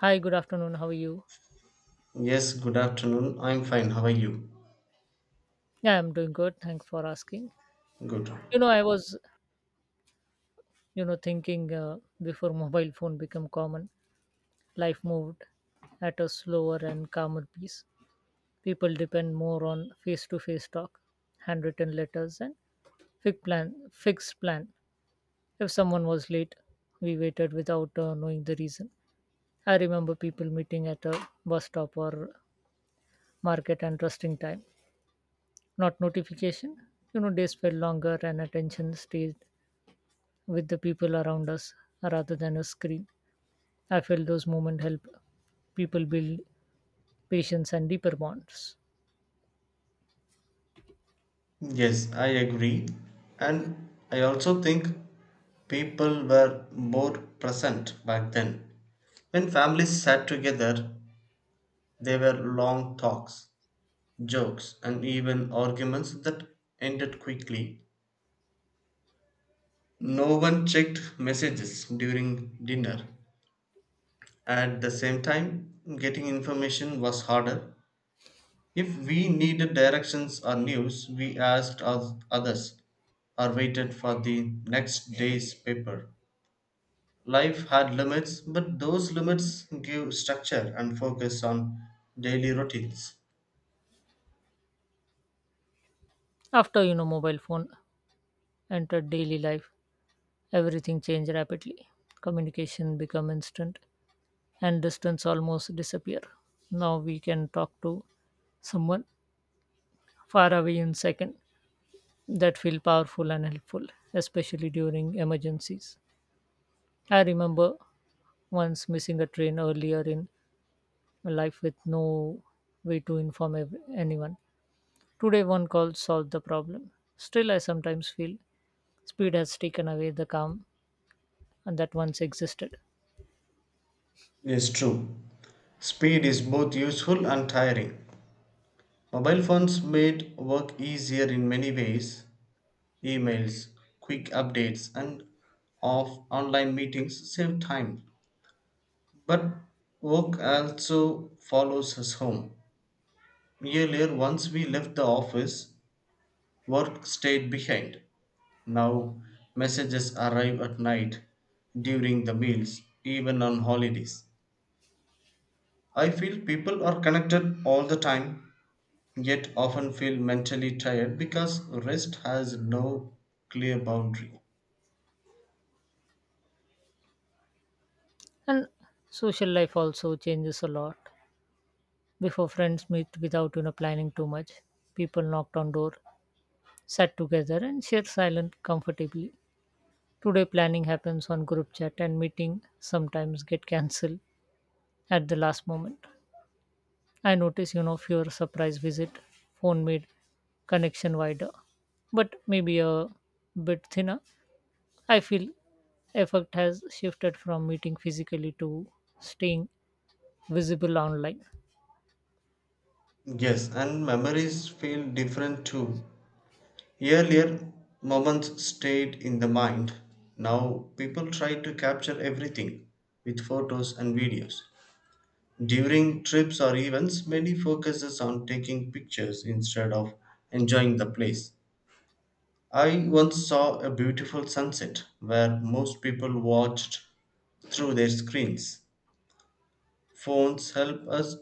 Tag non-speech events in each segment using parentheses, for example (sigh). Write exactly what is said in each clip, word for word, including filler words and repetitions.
Hi, good afternoon. How are you? Yes, good afternoon. I'm fine. How are you? Yeah, I'm doing good. Thanks for asking. Good. You know, I was, you know, thinking uh, before mobile phone become common, life moved at a slower and calmer pace. People depend more on face-to-face talk, handwritten letters, and fixed plan. Fixed plan. If someone was late, we waited without uh, knowing the reason. I remember people meeting at a bus stop or market and trusting time, not notification. You know, days felt longer and attention stayed with the people around us rather than a screen. I feel those moments help people build patience and deeper bonds. Yes, I agree. And I also think people were more present back then. When families sat together, there were long talks, jokes, and even arguments that ended quickly. No one checked messages during dinner. At the same time, getting information was harder. If we needed directions or news, we asked oth- others or waited for the next day's paper. Life had limits, but those limits give structure and focus on daily routines. After you know mobile phone entered daily life, everything changed rapidly. Communication become instant and distance almost disappear. Now we can talk to someone far away in second that feel powerful and helpful, especially during emergencies. I remember once missing a train earlier in life with no way to inform ev- anyone. Today, one call solved the problem. Still, I sometimes feel speed has taken away the calm and that once existed. Yes, true. Speed is both useful and tiring. Mobile phones made work easier in many ways. Emails, quick updates, and off online meetings save time. But work also follows us home. Earlier, once we left the office, work stayed behind. Now, messages arrive at night, during the meals, even on holidays. I feel people are connected all the time, yet often feel mentally tired because rest has no clear boundary. And social life also changes a lot. Before friends meet without you know planning too much, people knocked on door, sat together, and shared silent comfortably. Today, planning happens on group chat, and meeting sometimes get cancelled at the last moment. I notice, you know, your surprise visit phone made connection wider, but maybe a bit thinner. I feel effect has shifted from meeting physically to staying visible online. Yes, and memories feel different too. Earlier, moments stayed in the mind. Now, people try to capture everything with photos and videos. During trips or events, many focuses on taking pictures instead of enjoying the place. I once saw a beautiful sunset where most people watched through their screens. Phones help us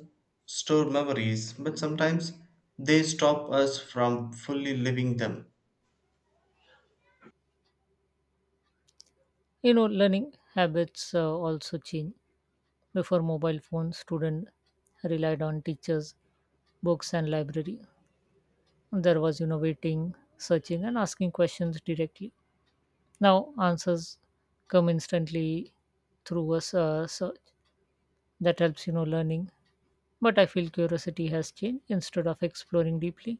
store memories, but sometimes they stop us from fully living them. You know, learning habits uh, also change. Before mobile phones, student relied on teachers, books, and library. There was, you know, waiting, searching, and asking questions directly. Now answers come instantly through a s- uh, search that helps you know learning, but I feel curiosity has changed. Instead of exploring deeply,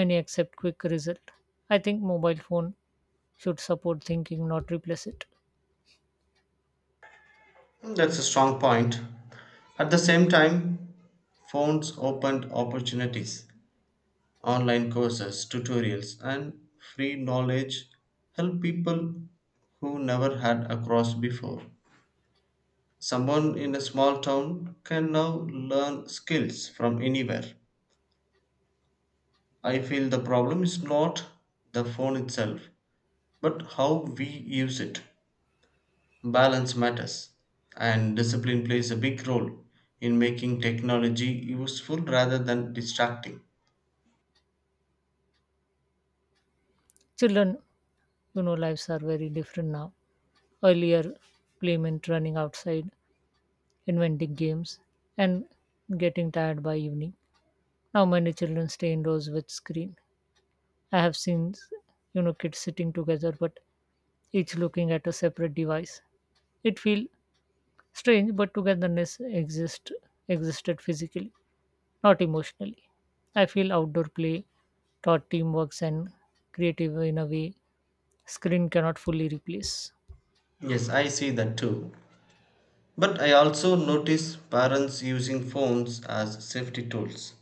many accept quick result. I think mobile phone should support thinking, not replace it. That's a strong point. At the same time, phones opened opportunities. Online courses, tutorials, and free knowledge help people who never had across before. Someone in a small town can now learn skills from anywhere. I feel the problem is not the phone itself, but how we use it. Balance matters, and discipline plays a big role in making technology useful rather than distracting. Children you know lives are very different now. Earlier, play meant running outside, inventing games, and getting tired by evening. Now many children stay indoors with screen. I have seen you know kids sitting together but each looking at a separate device. It feel strange, but togetherness exist existed physically, not emotionally. I feel outdoor play taught teamwork and creative in a way screen cannot fully replace. Yes, I see that too. But I also notice parents using phones as safety tools.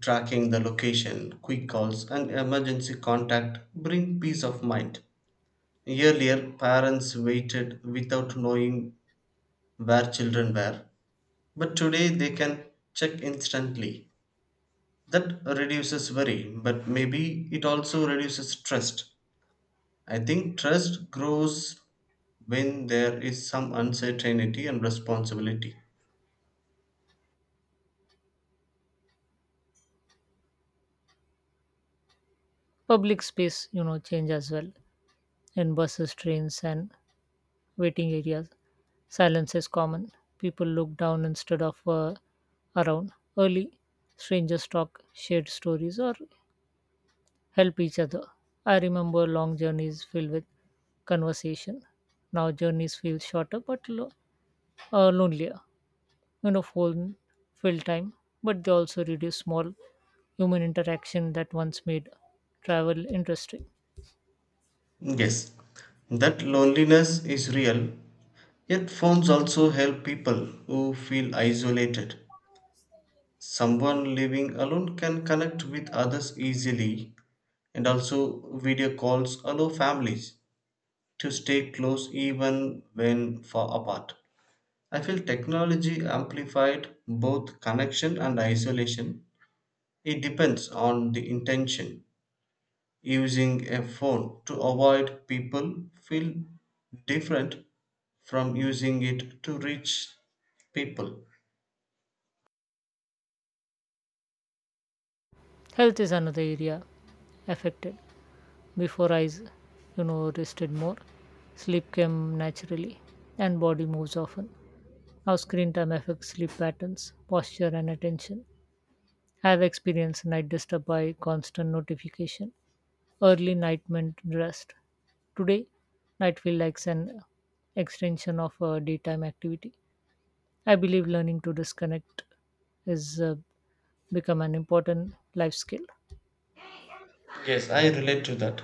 Tracking the location, quick calls, and emergency contact bring peace of mind. Earlier, parents waited without knowing where children were, but today they can check instantly. That reduces worry, but maybe it also reduces trust. I think trust grows when there is some uncertainty and responsibility. Public space, you know, change as well. In buses, trains, and waiting areas, silence is common. People look down instead of uh, around. Early strangers talk, shared stories, or help each other. I remember long journeys filled with conversation. Now journeys feel shorter but lo- uh, lonelier. You know, phone fill time, but they also reduce small human interaction that once made travel interesting. Yes, that loneliness is real, yet phones also help people who feel isolated. Someone living alone can connect with others easily, and also video calls allow families to stay close even when far apart. I feel technology amplified both connection and isolation. It depends on the intention. Using a phone to avoid people feel different from using it to reach people. Health is another area affected. Before eyes, you know, rested more, sleep came naturally, and body moves often. Now screen time affects sleep patterns, posture, and attention. I have experienced night disturbed by constant notification, early night meant rest. Today, night feel like an extension of a daytime activity. I believe learning to disconnect is uh, become an important life skill. Yes, I relate to that.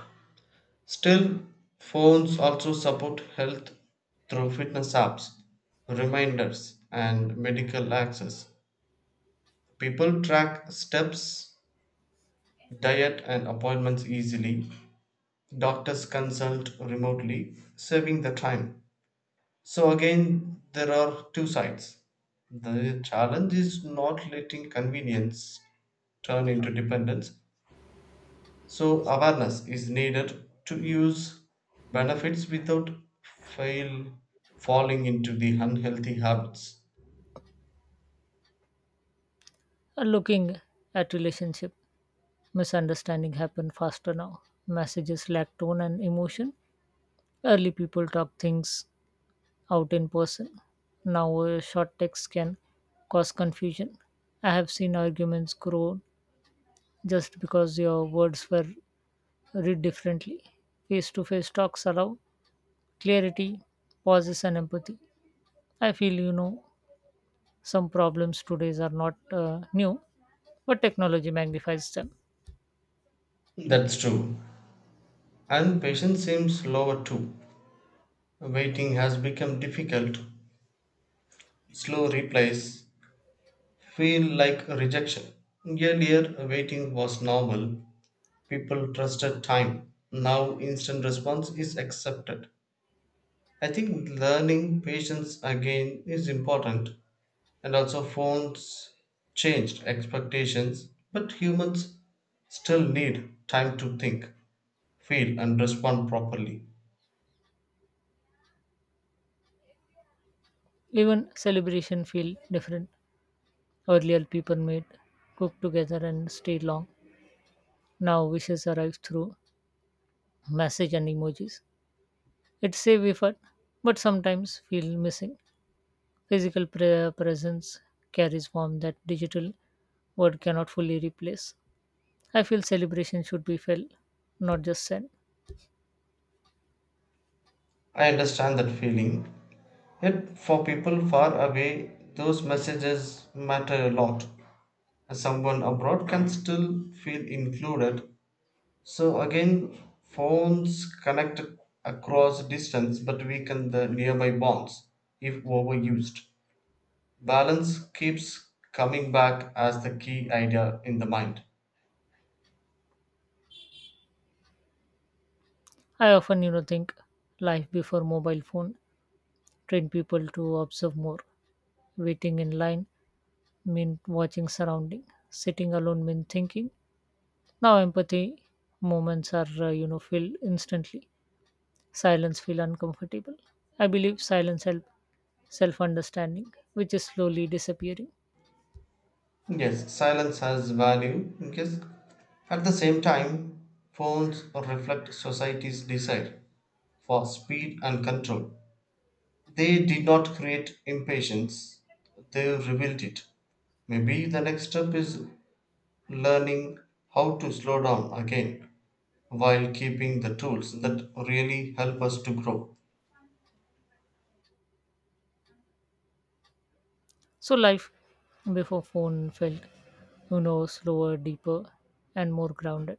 Still, phones also support health through fitness apps, reminders, and medical access. People track steps, diet, and appointments easily. Doctors consult remotely, saving the time. So again, there are two sides. The challenge is not letting convenience turn into dependence. So awareness is needed to use benefits without fail falling into the unhealthy habits. Uh, looking at relationship, misunderstanding happen faster now. Messages lack tone and emotion. Early people talk things out in person. Now, uh, short text can cause confusion. I have seen arguments grow just because your words were read differently. Face to face talks allow clarity, pauses, and empathy. I feel you know some problems today's are not uh, new, but technology magnifies them. That's true. And patience seems lower too. Waiting has become difficult. Slow replies feel like rejection. Earlier, waiting was normal. People trusted time. Now instant response is accepted. I think learning patience again is important, and also phones changed expectations, but humans still need time to think, feel, and respond properly. Even celebration feel different. Earlier, people made cooked together and stayed long. Now wishes arrive through message and emojis. It's save effort, but sometimes feel missing. Physical pre- presence carries form that digital word cannot fully replace. I feel celebration should be felt, not just said. I understand that feeling. Yet, for people far away, those messages matter a lot. Someone abroad can still feel included. So again, phones connect across distance but weaken the nearby bonds if overused. Balance keeps coming back as the key idea in the mind. I often, you know, think life before mobile phone trained people to observe more. Waiting in line meant watching surrounding. Sitting alone meant thinking. Now empathy moments are, uh, you know, filled instantly. Silence feel uncomfortable. I believe silence help self-understanding, which is slowly disappearing. Yes, silence has value. Yes. At the same time, phones reflect society's desire for speed and control. They did not create impatience, they revealed it. Maybe the next step is learning how to slow down again while keeping the tools that really help us to grow. So life before phone felt, you know, slower, deeper, and more grounded,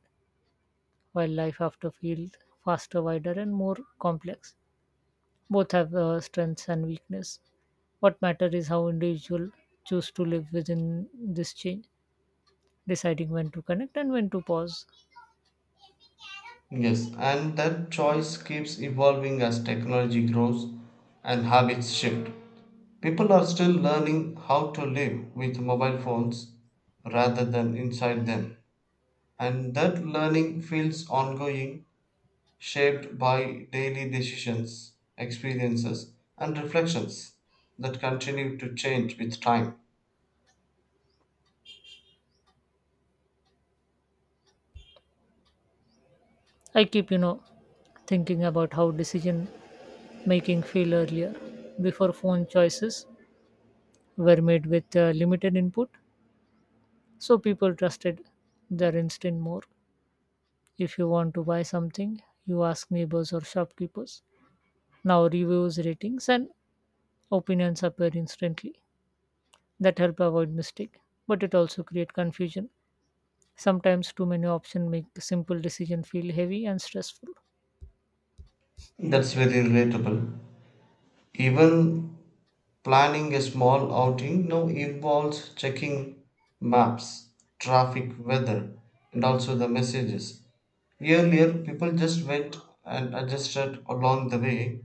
while life after feels faster, wider, and more complex. Both have uh, strengths and weakness. What matters is how individual choose to live within this change, deciding when to connect and when to pause. Yes, and that choice keeps evolving as technology grows and habits shift. People are still learning how to live with mobile phones rather than inside them. And that learning feels ongoing, shaped by daily decisions, experiences, and reflections that continue to change with time. I keep, you know, thinking about how decision making feel earlier. Before phone, choices were made with uh, limited input, so people trusted their instinct more. If you want to buy something, you ask neighbors or shopkeepers. Now reviews, ratings, and opinions appear instantly. That help avoid mistake, but it also create confusion. Sometimes too many options make simple decision feel heavy and stressful. That's very relatable. Even planning a small outing now involves checking maps, traffic, weather, and also the messages. Earlier, people just went and adjusted along the way.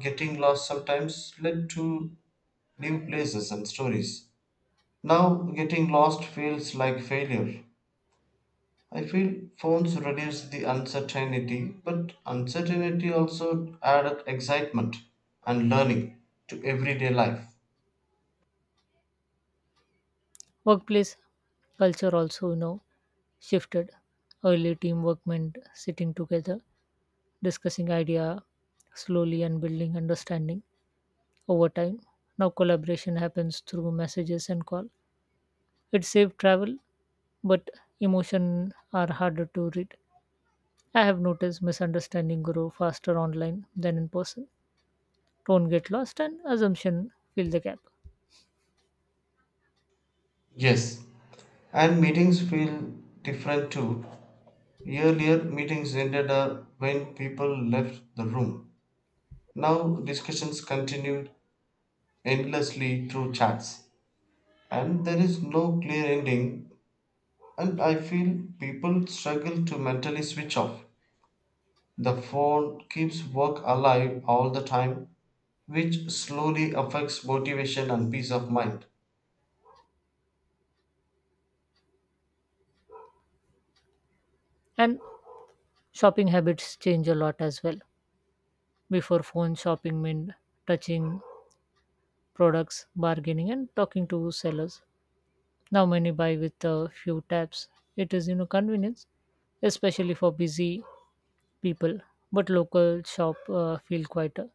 Getting lost sometimes led to new places and stories. Now, getting lost feels like failure. I feel phones reduce the uncertainty, but uncertainty also added excitement and learning to everyday life. Workplace culture also, you know, shifted. Early teamwork meant sitting together, discussing idea slowly and building understanding over time. Now collaboration happens through messages and call. It saved travel but emotion are harder to read. I have noticed misunderstanding grow faster online than in person. Tone get lost and assumption fill the gap. Yes, and meetings feel different too. Earlier, meetings ended up when people left the room. Now, discussions continued endlessly through chats. And there is no clear ending. And I feel people struggle to mentally switch off. The phone keeps work alive all the time, which slowly affects motivation and peace of mind. And shopping habits change a lot as well. Before phone shopping meant touching products, bargaining and talking to sellers. Now many buy with a few taps. It is you know convenience, especially for busy people. But local shop uh, feel quieter.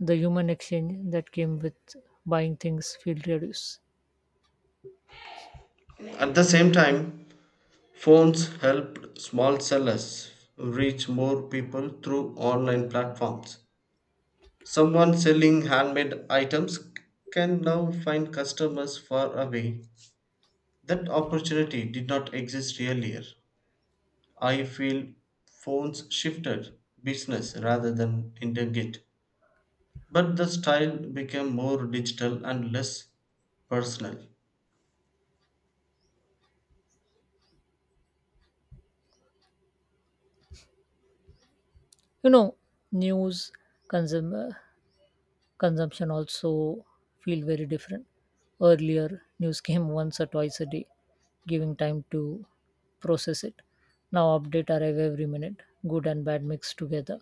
The human exchange that came with buying things feel reduced. At the same time, phones helped small sellers reach more people through online platforms. Someone selling handmade items can now find customers far away. That opportunity did not exist earlier. I feel phones shifted business rather than intent it. But the style became more digital and less personal. You know, news consum- consumption also feel very different. Earlier, news (laughs) came once or twice a day, giving time to process it. Now, update arrive every minute, good and bad mixed together,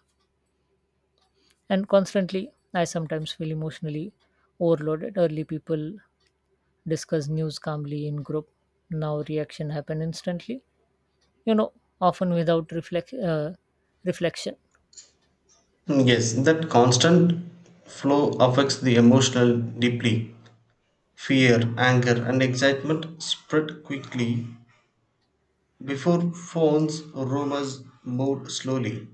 and constantly. I sometimes feel emotionally overloaded. Early people discuss news calmly in group. Now reaction happen instantly, you know, often without reflect, uh, reflection. Yes, that constant flow affects the emotional deeply. Fear, anger, and excitement spread quickly. Before phones, rumors moved slowly.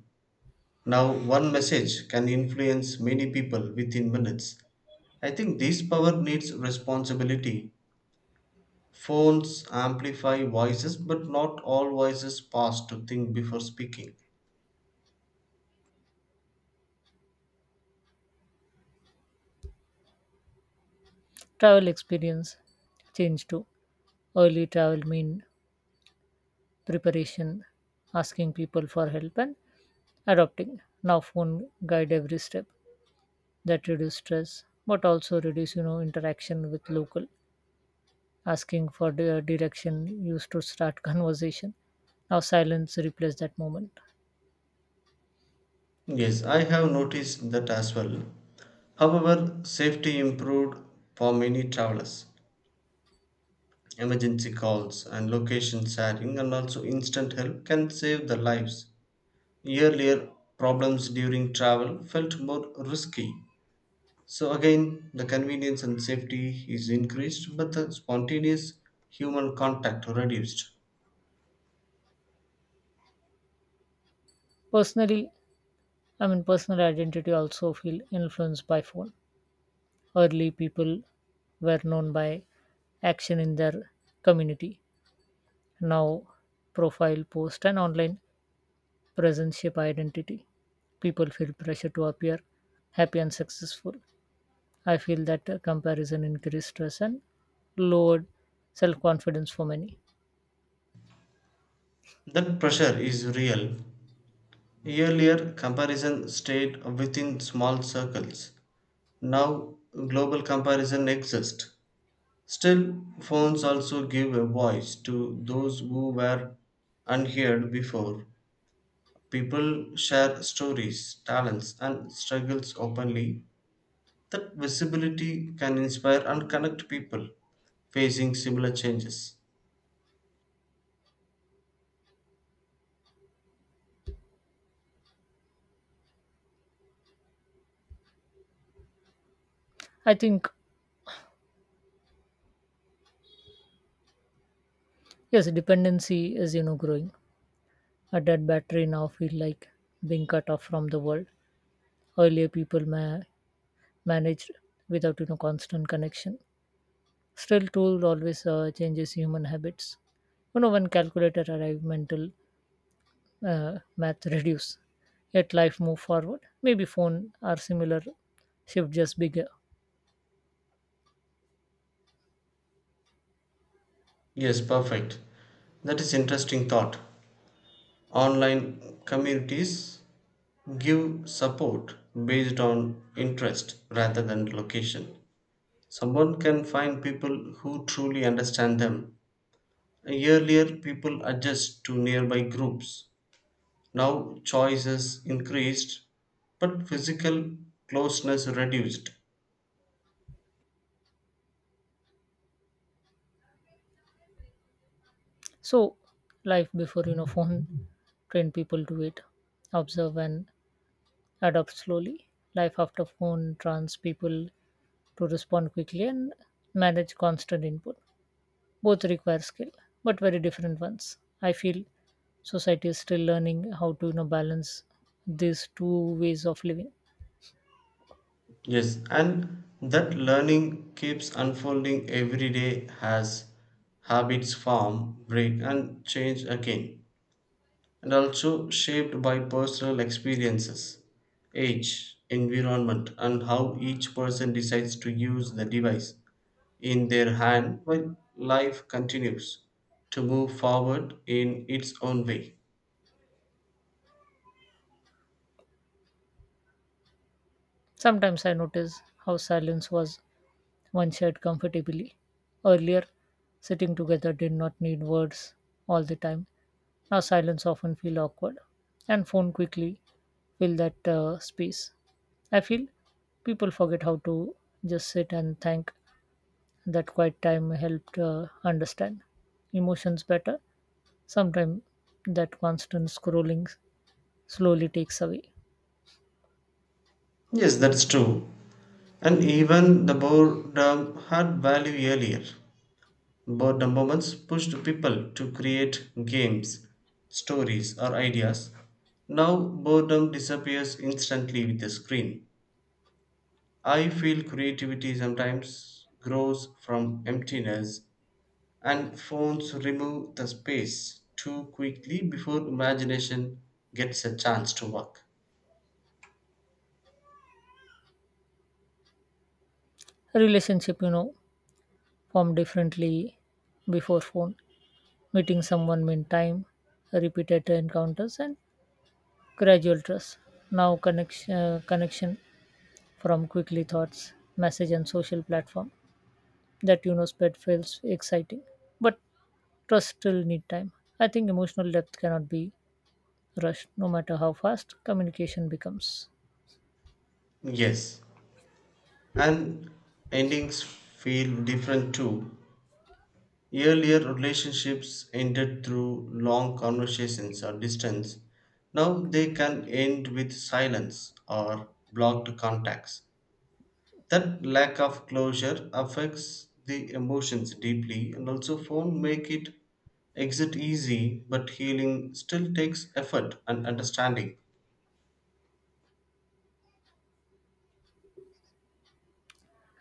Now, one message can influence many people within minutes. I think this power needs responsibility. Phones amplify voices, but not all voices pause to think before speaking. Travel experience change too. Early travel mean preparation, asking people for help, and adopting. Now phone guide every step that reduce stress, but also reduce you know interaction with local. Asking for the direction used to start (laughs) conversation. Now silence replace that moment. Yes, I have noticed that as well. However, safety improved for many travelers. Emergency calls and location sharing and also instant help can save the lives. Earlier, problems during travel felt more risky. So, again, the convenience and safety is increased, but the spontaneous human contact reduced. Personally, I mean personal identity also feel influenced by phone. Early people were known by action in their community. Now, profile, post, and online presence shape identity. People feel pressure to appear happy and successful. I feel that uh, comparison increased stress and lowered self confidence for many. That pressure is real. Earlier, comparison stayed within small circles. Now, global comparison exists. Still, phones also give a voice to those who were unheard before. People share stories, talents, and struggles openly. That visibility can inspire and connect people facing similar changes. I think yes, dependency is you know growing. A dead battery now feel like being cut off from the world. Earlier people ma- managed without you know constant connection. Still, tool always uh, changes human habits. You know, when calculator arrived, mental uh, math (laughs) reduce. Yet life move forward. Maybe phone are similar, shift just bigger. Yes, perfect. That is interesting thought. Online communities give support based on interest rather than location. Someone can find people who truly understand them. Earlier, people adjust to nearby groups. Now, choices increased, but physical closeness reduced. So, life before you know phone trained people to wait, observe and adapt slowly. Life after phone trains people to respond quickly and manage constant input. Both require skill, but very different ones. I feel society is still learning how to you know balance these two ways of living. Yes, and that learning keeps unfolding every day as habits form, break, and change again, and also shaped by personal experiences, age, environment, and how each person decides to use the device in their hand while life continues to move forward in its own way. Sometimes I notice how silence was once shared comfortably. Earlier, sitting together did not need words all the time. Now, silence often feel awkward, and phone quickly fill that uh, space. I feel people forget how to just sit and thank that quiet time helped uh, understand emotions better. Sometimes that constant scrolling slowly takes away. Yes, that's true. And even the boredom had value earlier. Boredom moments pushed people to create games, stories, or ideas. Now, boredom disappears instantly with a screen. I feel creativity sometimes grows from emptiness and phones remove the space too quickly before imagination gets a chance to work. Relationship, you know, formed differently before phone. Meeting someone meant time, repeated encounters, and gradual trust. Now connection, uh, connection from quickly thoughts, message, and social platform. That you know spread feels exciting, but trust still need time. I think emotional depth cannot be rush, no matter how fast communication becomes. Yes, and endings feel different too. Earlier relationships ended through long conversations or distance. Now they can end with silence or blocked contacts. That lack of closure affects the emotions deeply, and also phone make it exit easy, but healing still takes effort and understanding.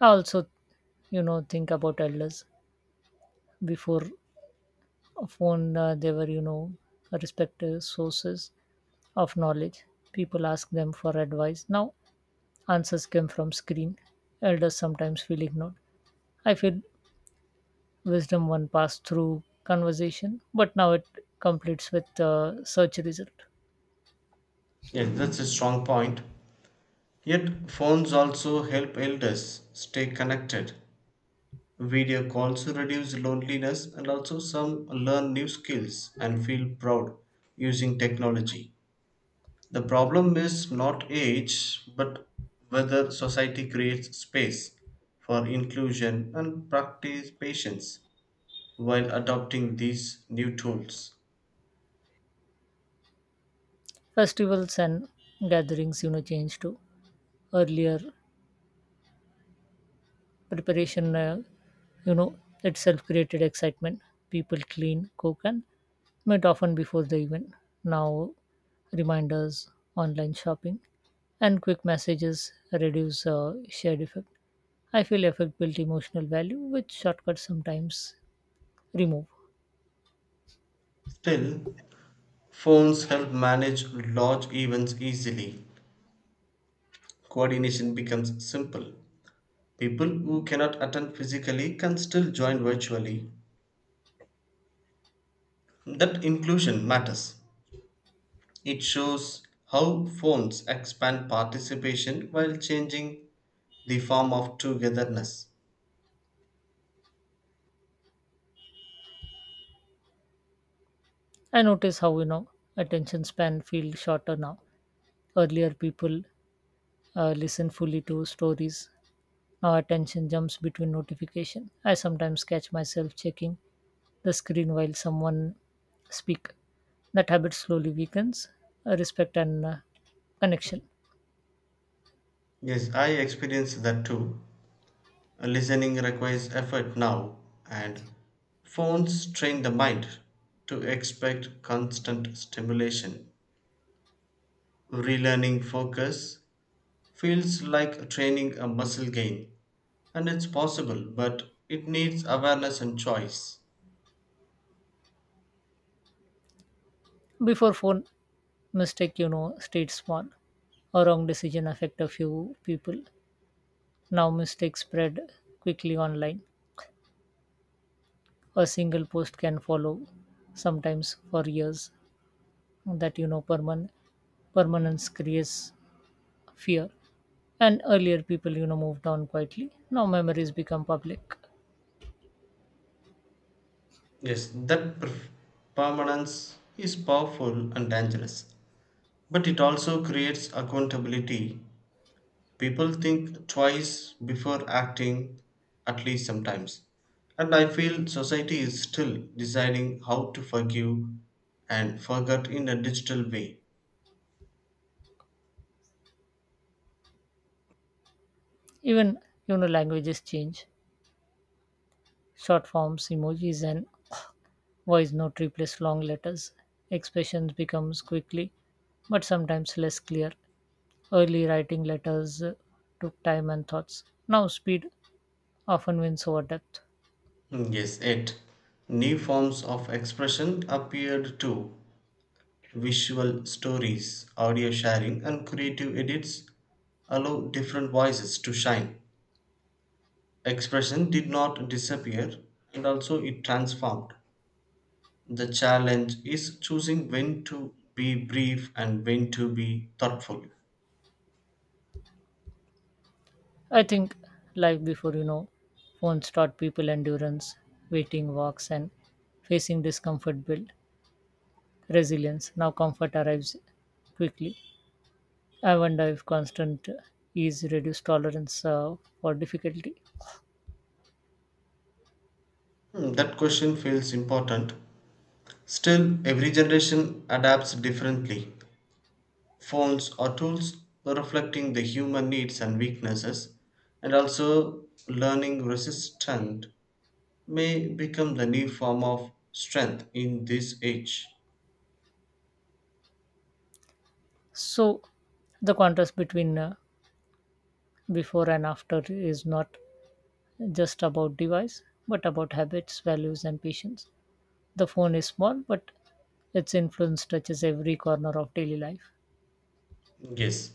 I also you know think about elders. Before a phone, uh, they were you know respective sources of knowledge. People ask them for advice. Now answers come from screen. Elders sometimes feel ignored. I feel wisdom one passed through conversation, but now it completes with uh, search result. Yes, that's a strong point. Yet phones also help elders stay connected. Video calls reduce loneliness and also some learn new skills and feel proud using technology. The problem is not age, but whether society creates space for inclusion and practice patience while adopting these new tools. Festivals and gatherings you know change to earlier, preparation uh, you know itself created excitement. People clean, cook and met often before the event. Now reminders, online shopping and quick messages reduce uh, shared effect. I feel effect built emotional value which shortcuts sometimes remove. Still, phones help manage large events easily. Coordination becomes simple. People who cannot attend physically can still join virtually. That inclusion matters. It shows how phones expand participation while changing the form of togetherness. I notice how you know attention span feels shorter now. Earlier people uh, listen fully to stories. Now attention jumps between notification. I sometimes catch myself checking the screen while someone speak. That habit slowly weakens uh, respect and uh, connection. Yes, I experience that too. Listening requires effort now, and phones train the mind to expect constant stimulation. Relearning focus feels like training a muscle gain, and it's possible, but it needs awareness and choice. Before phone, mistake you know stayed small. A wrong decision affect a few people. Now mistakes spread quickly online. A single post can follow sometimes for years. That you know permanent permanence creates fear, and earlier people you know moved on quietly. Now memories become public. Yes, that per- permanence is powerful and dangerous, but it also creates accountability. People think twice before acting, at least sometimes. And I feel society is still deciding how to forgive and forget in a digital way. Even you know languages change. Short forms, emojis, and voice note replace long letters. Expressions becomes quickly, but sometimes less clear. Early writing letters uh, took time and thoughts. Now speed often wins over depth. Hmm, yes, it. New forms of expression appeared too. Visual stories, audio sharing, and creative edits allow different voices to shine. Expression did not disappear, and also it transformed. The challenge is choosing when to be brief and when to be thoughtful. I think life before you know, phones taught people endurance, waiting walks, and facing discomfort build resilience. Now comfort arrives quickly. I wonder if constant ease reduced tolerance uh, for difficulty. Hmm, that question feels important. Still, every generation adapts differently. Phones are tools reflecting the human needs and weaknesses, and also learning resistant may become the new form of strength in this age. So, the contrast between uh, before and after is not just about device, but about habits, values, and patience. The phone is small, but its influence touches every corner of daily life. Yes,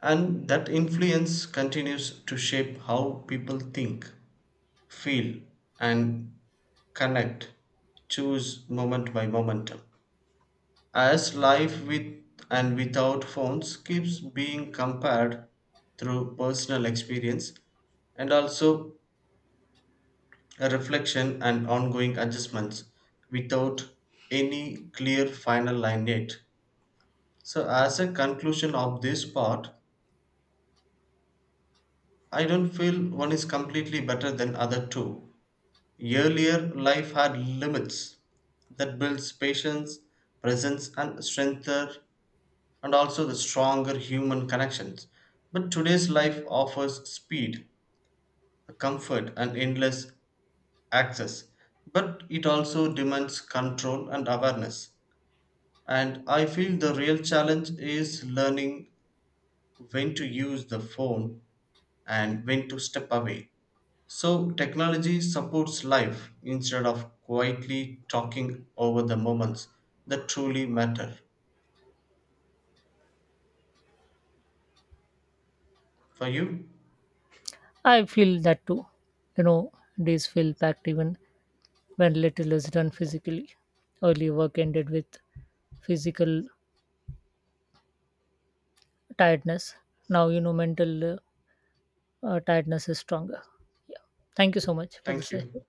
and that influence continues to shape how people think, feel, and connect, choose moment by moment as life with and without phones keeps being compared through personal experience and also a reflection and ongoing adjustments without any clear final line yet. So, as a conclusion of this part, I don't feel one is completely better than other two. Earlier life had limits that builds patience, presence, and strength, and also the stronger human connections. But today's life offers speed, comfort, and endless access. But it also demands control and awareness. And I feel the real challenge is learning when to use the phone and when to step away. So technology supports life instead of quietly talking over the moments that truly matter. For you, I feel that too. You know, days feel packed even when little is done physically. Early work ended with physical tiredness. Now, you know, mental uh, uh, tiredness is stronger. Yeah. Thank you so much for the thank session. you.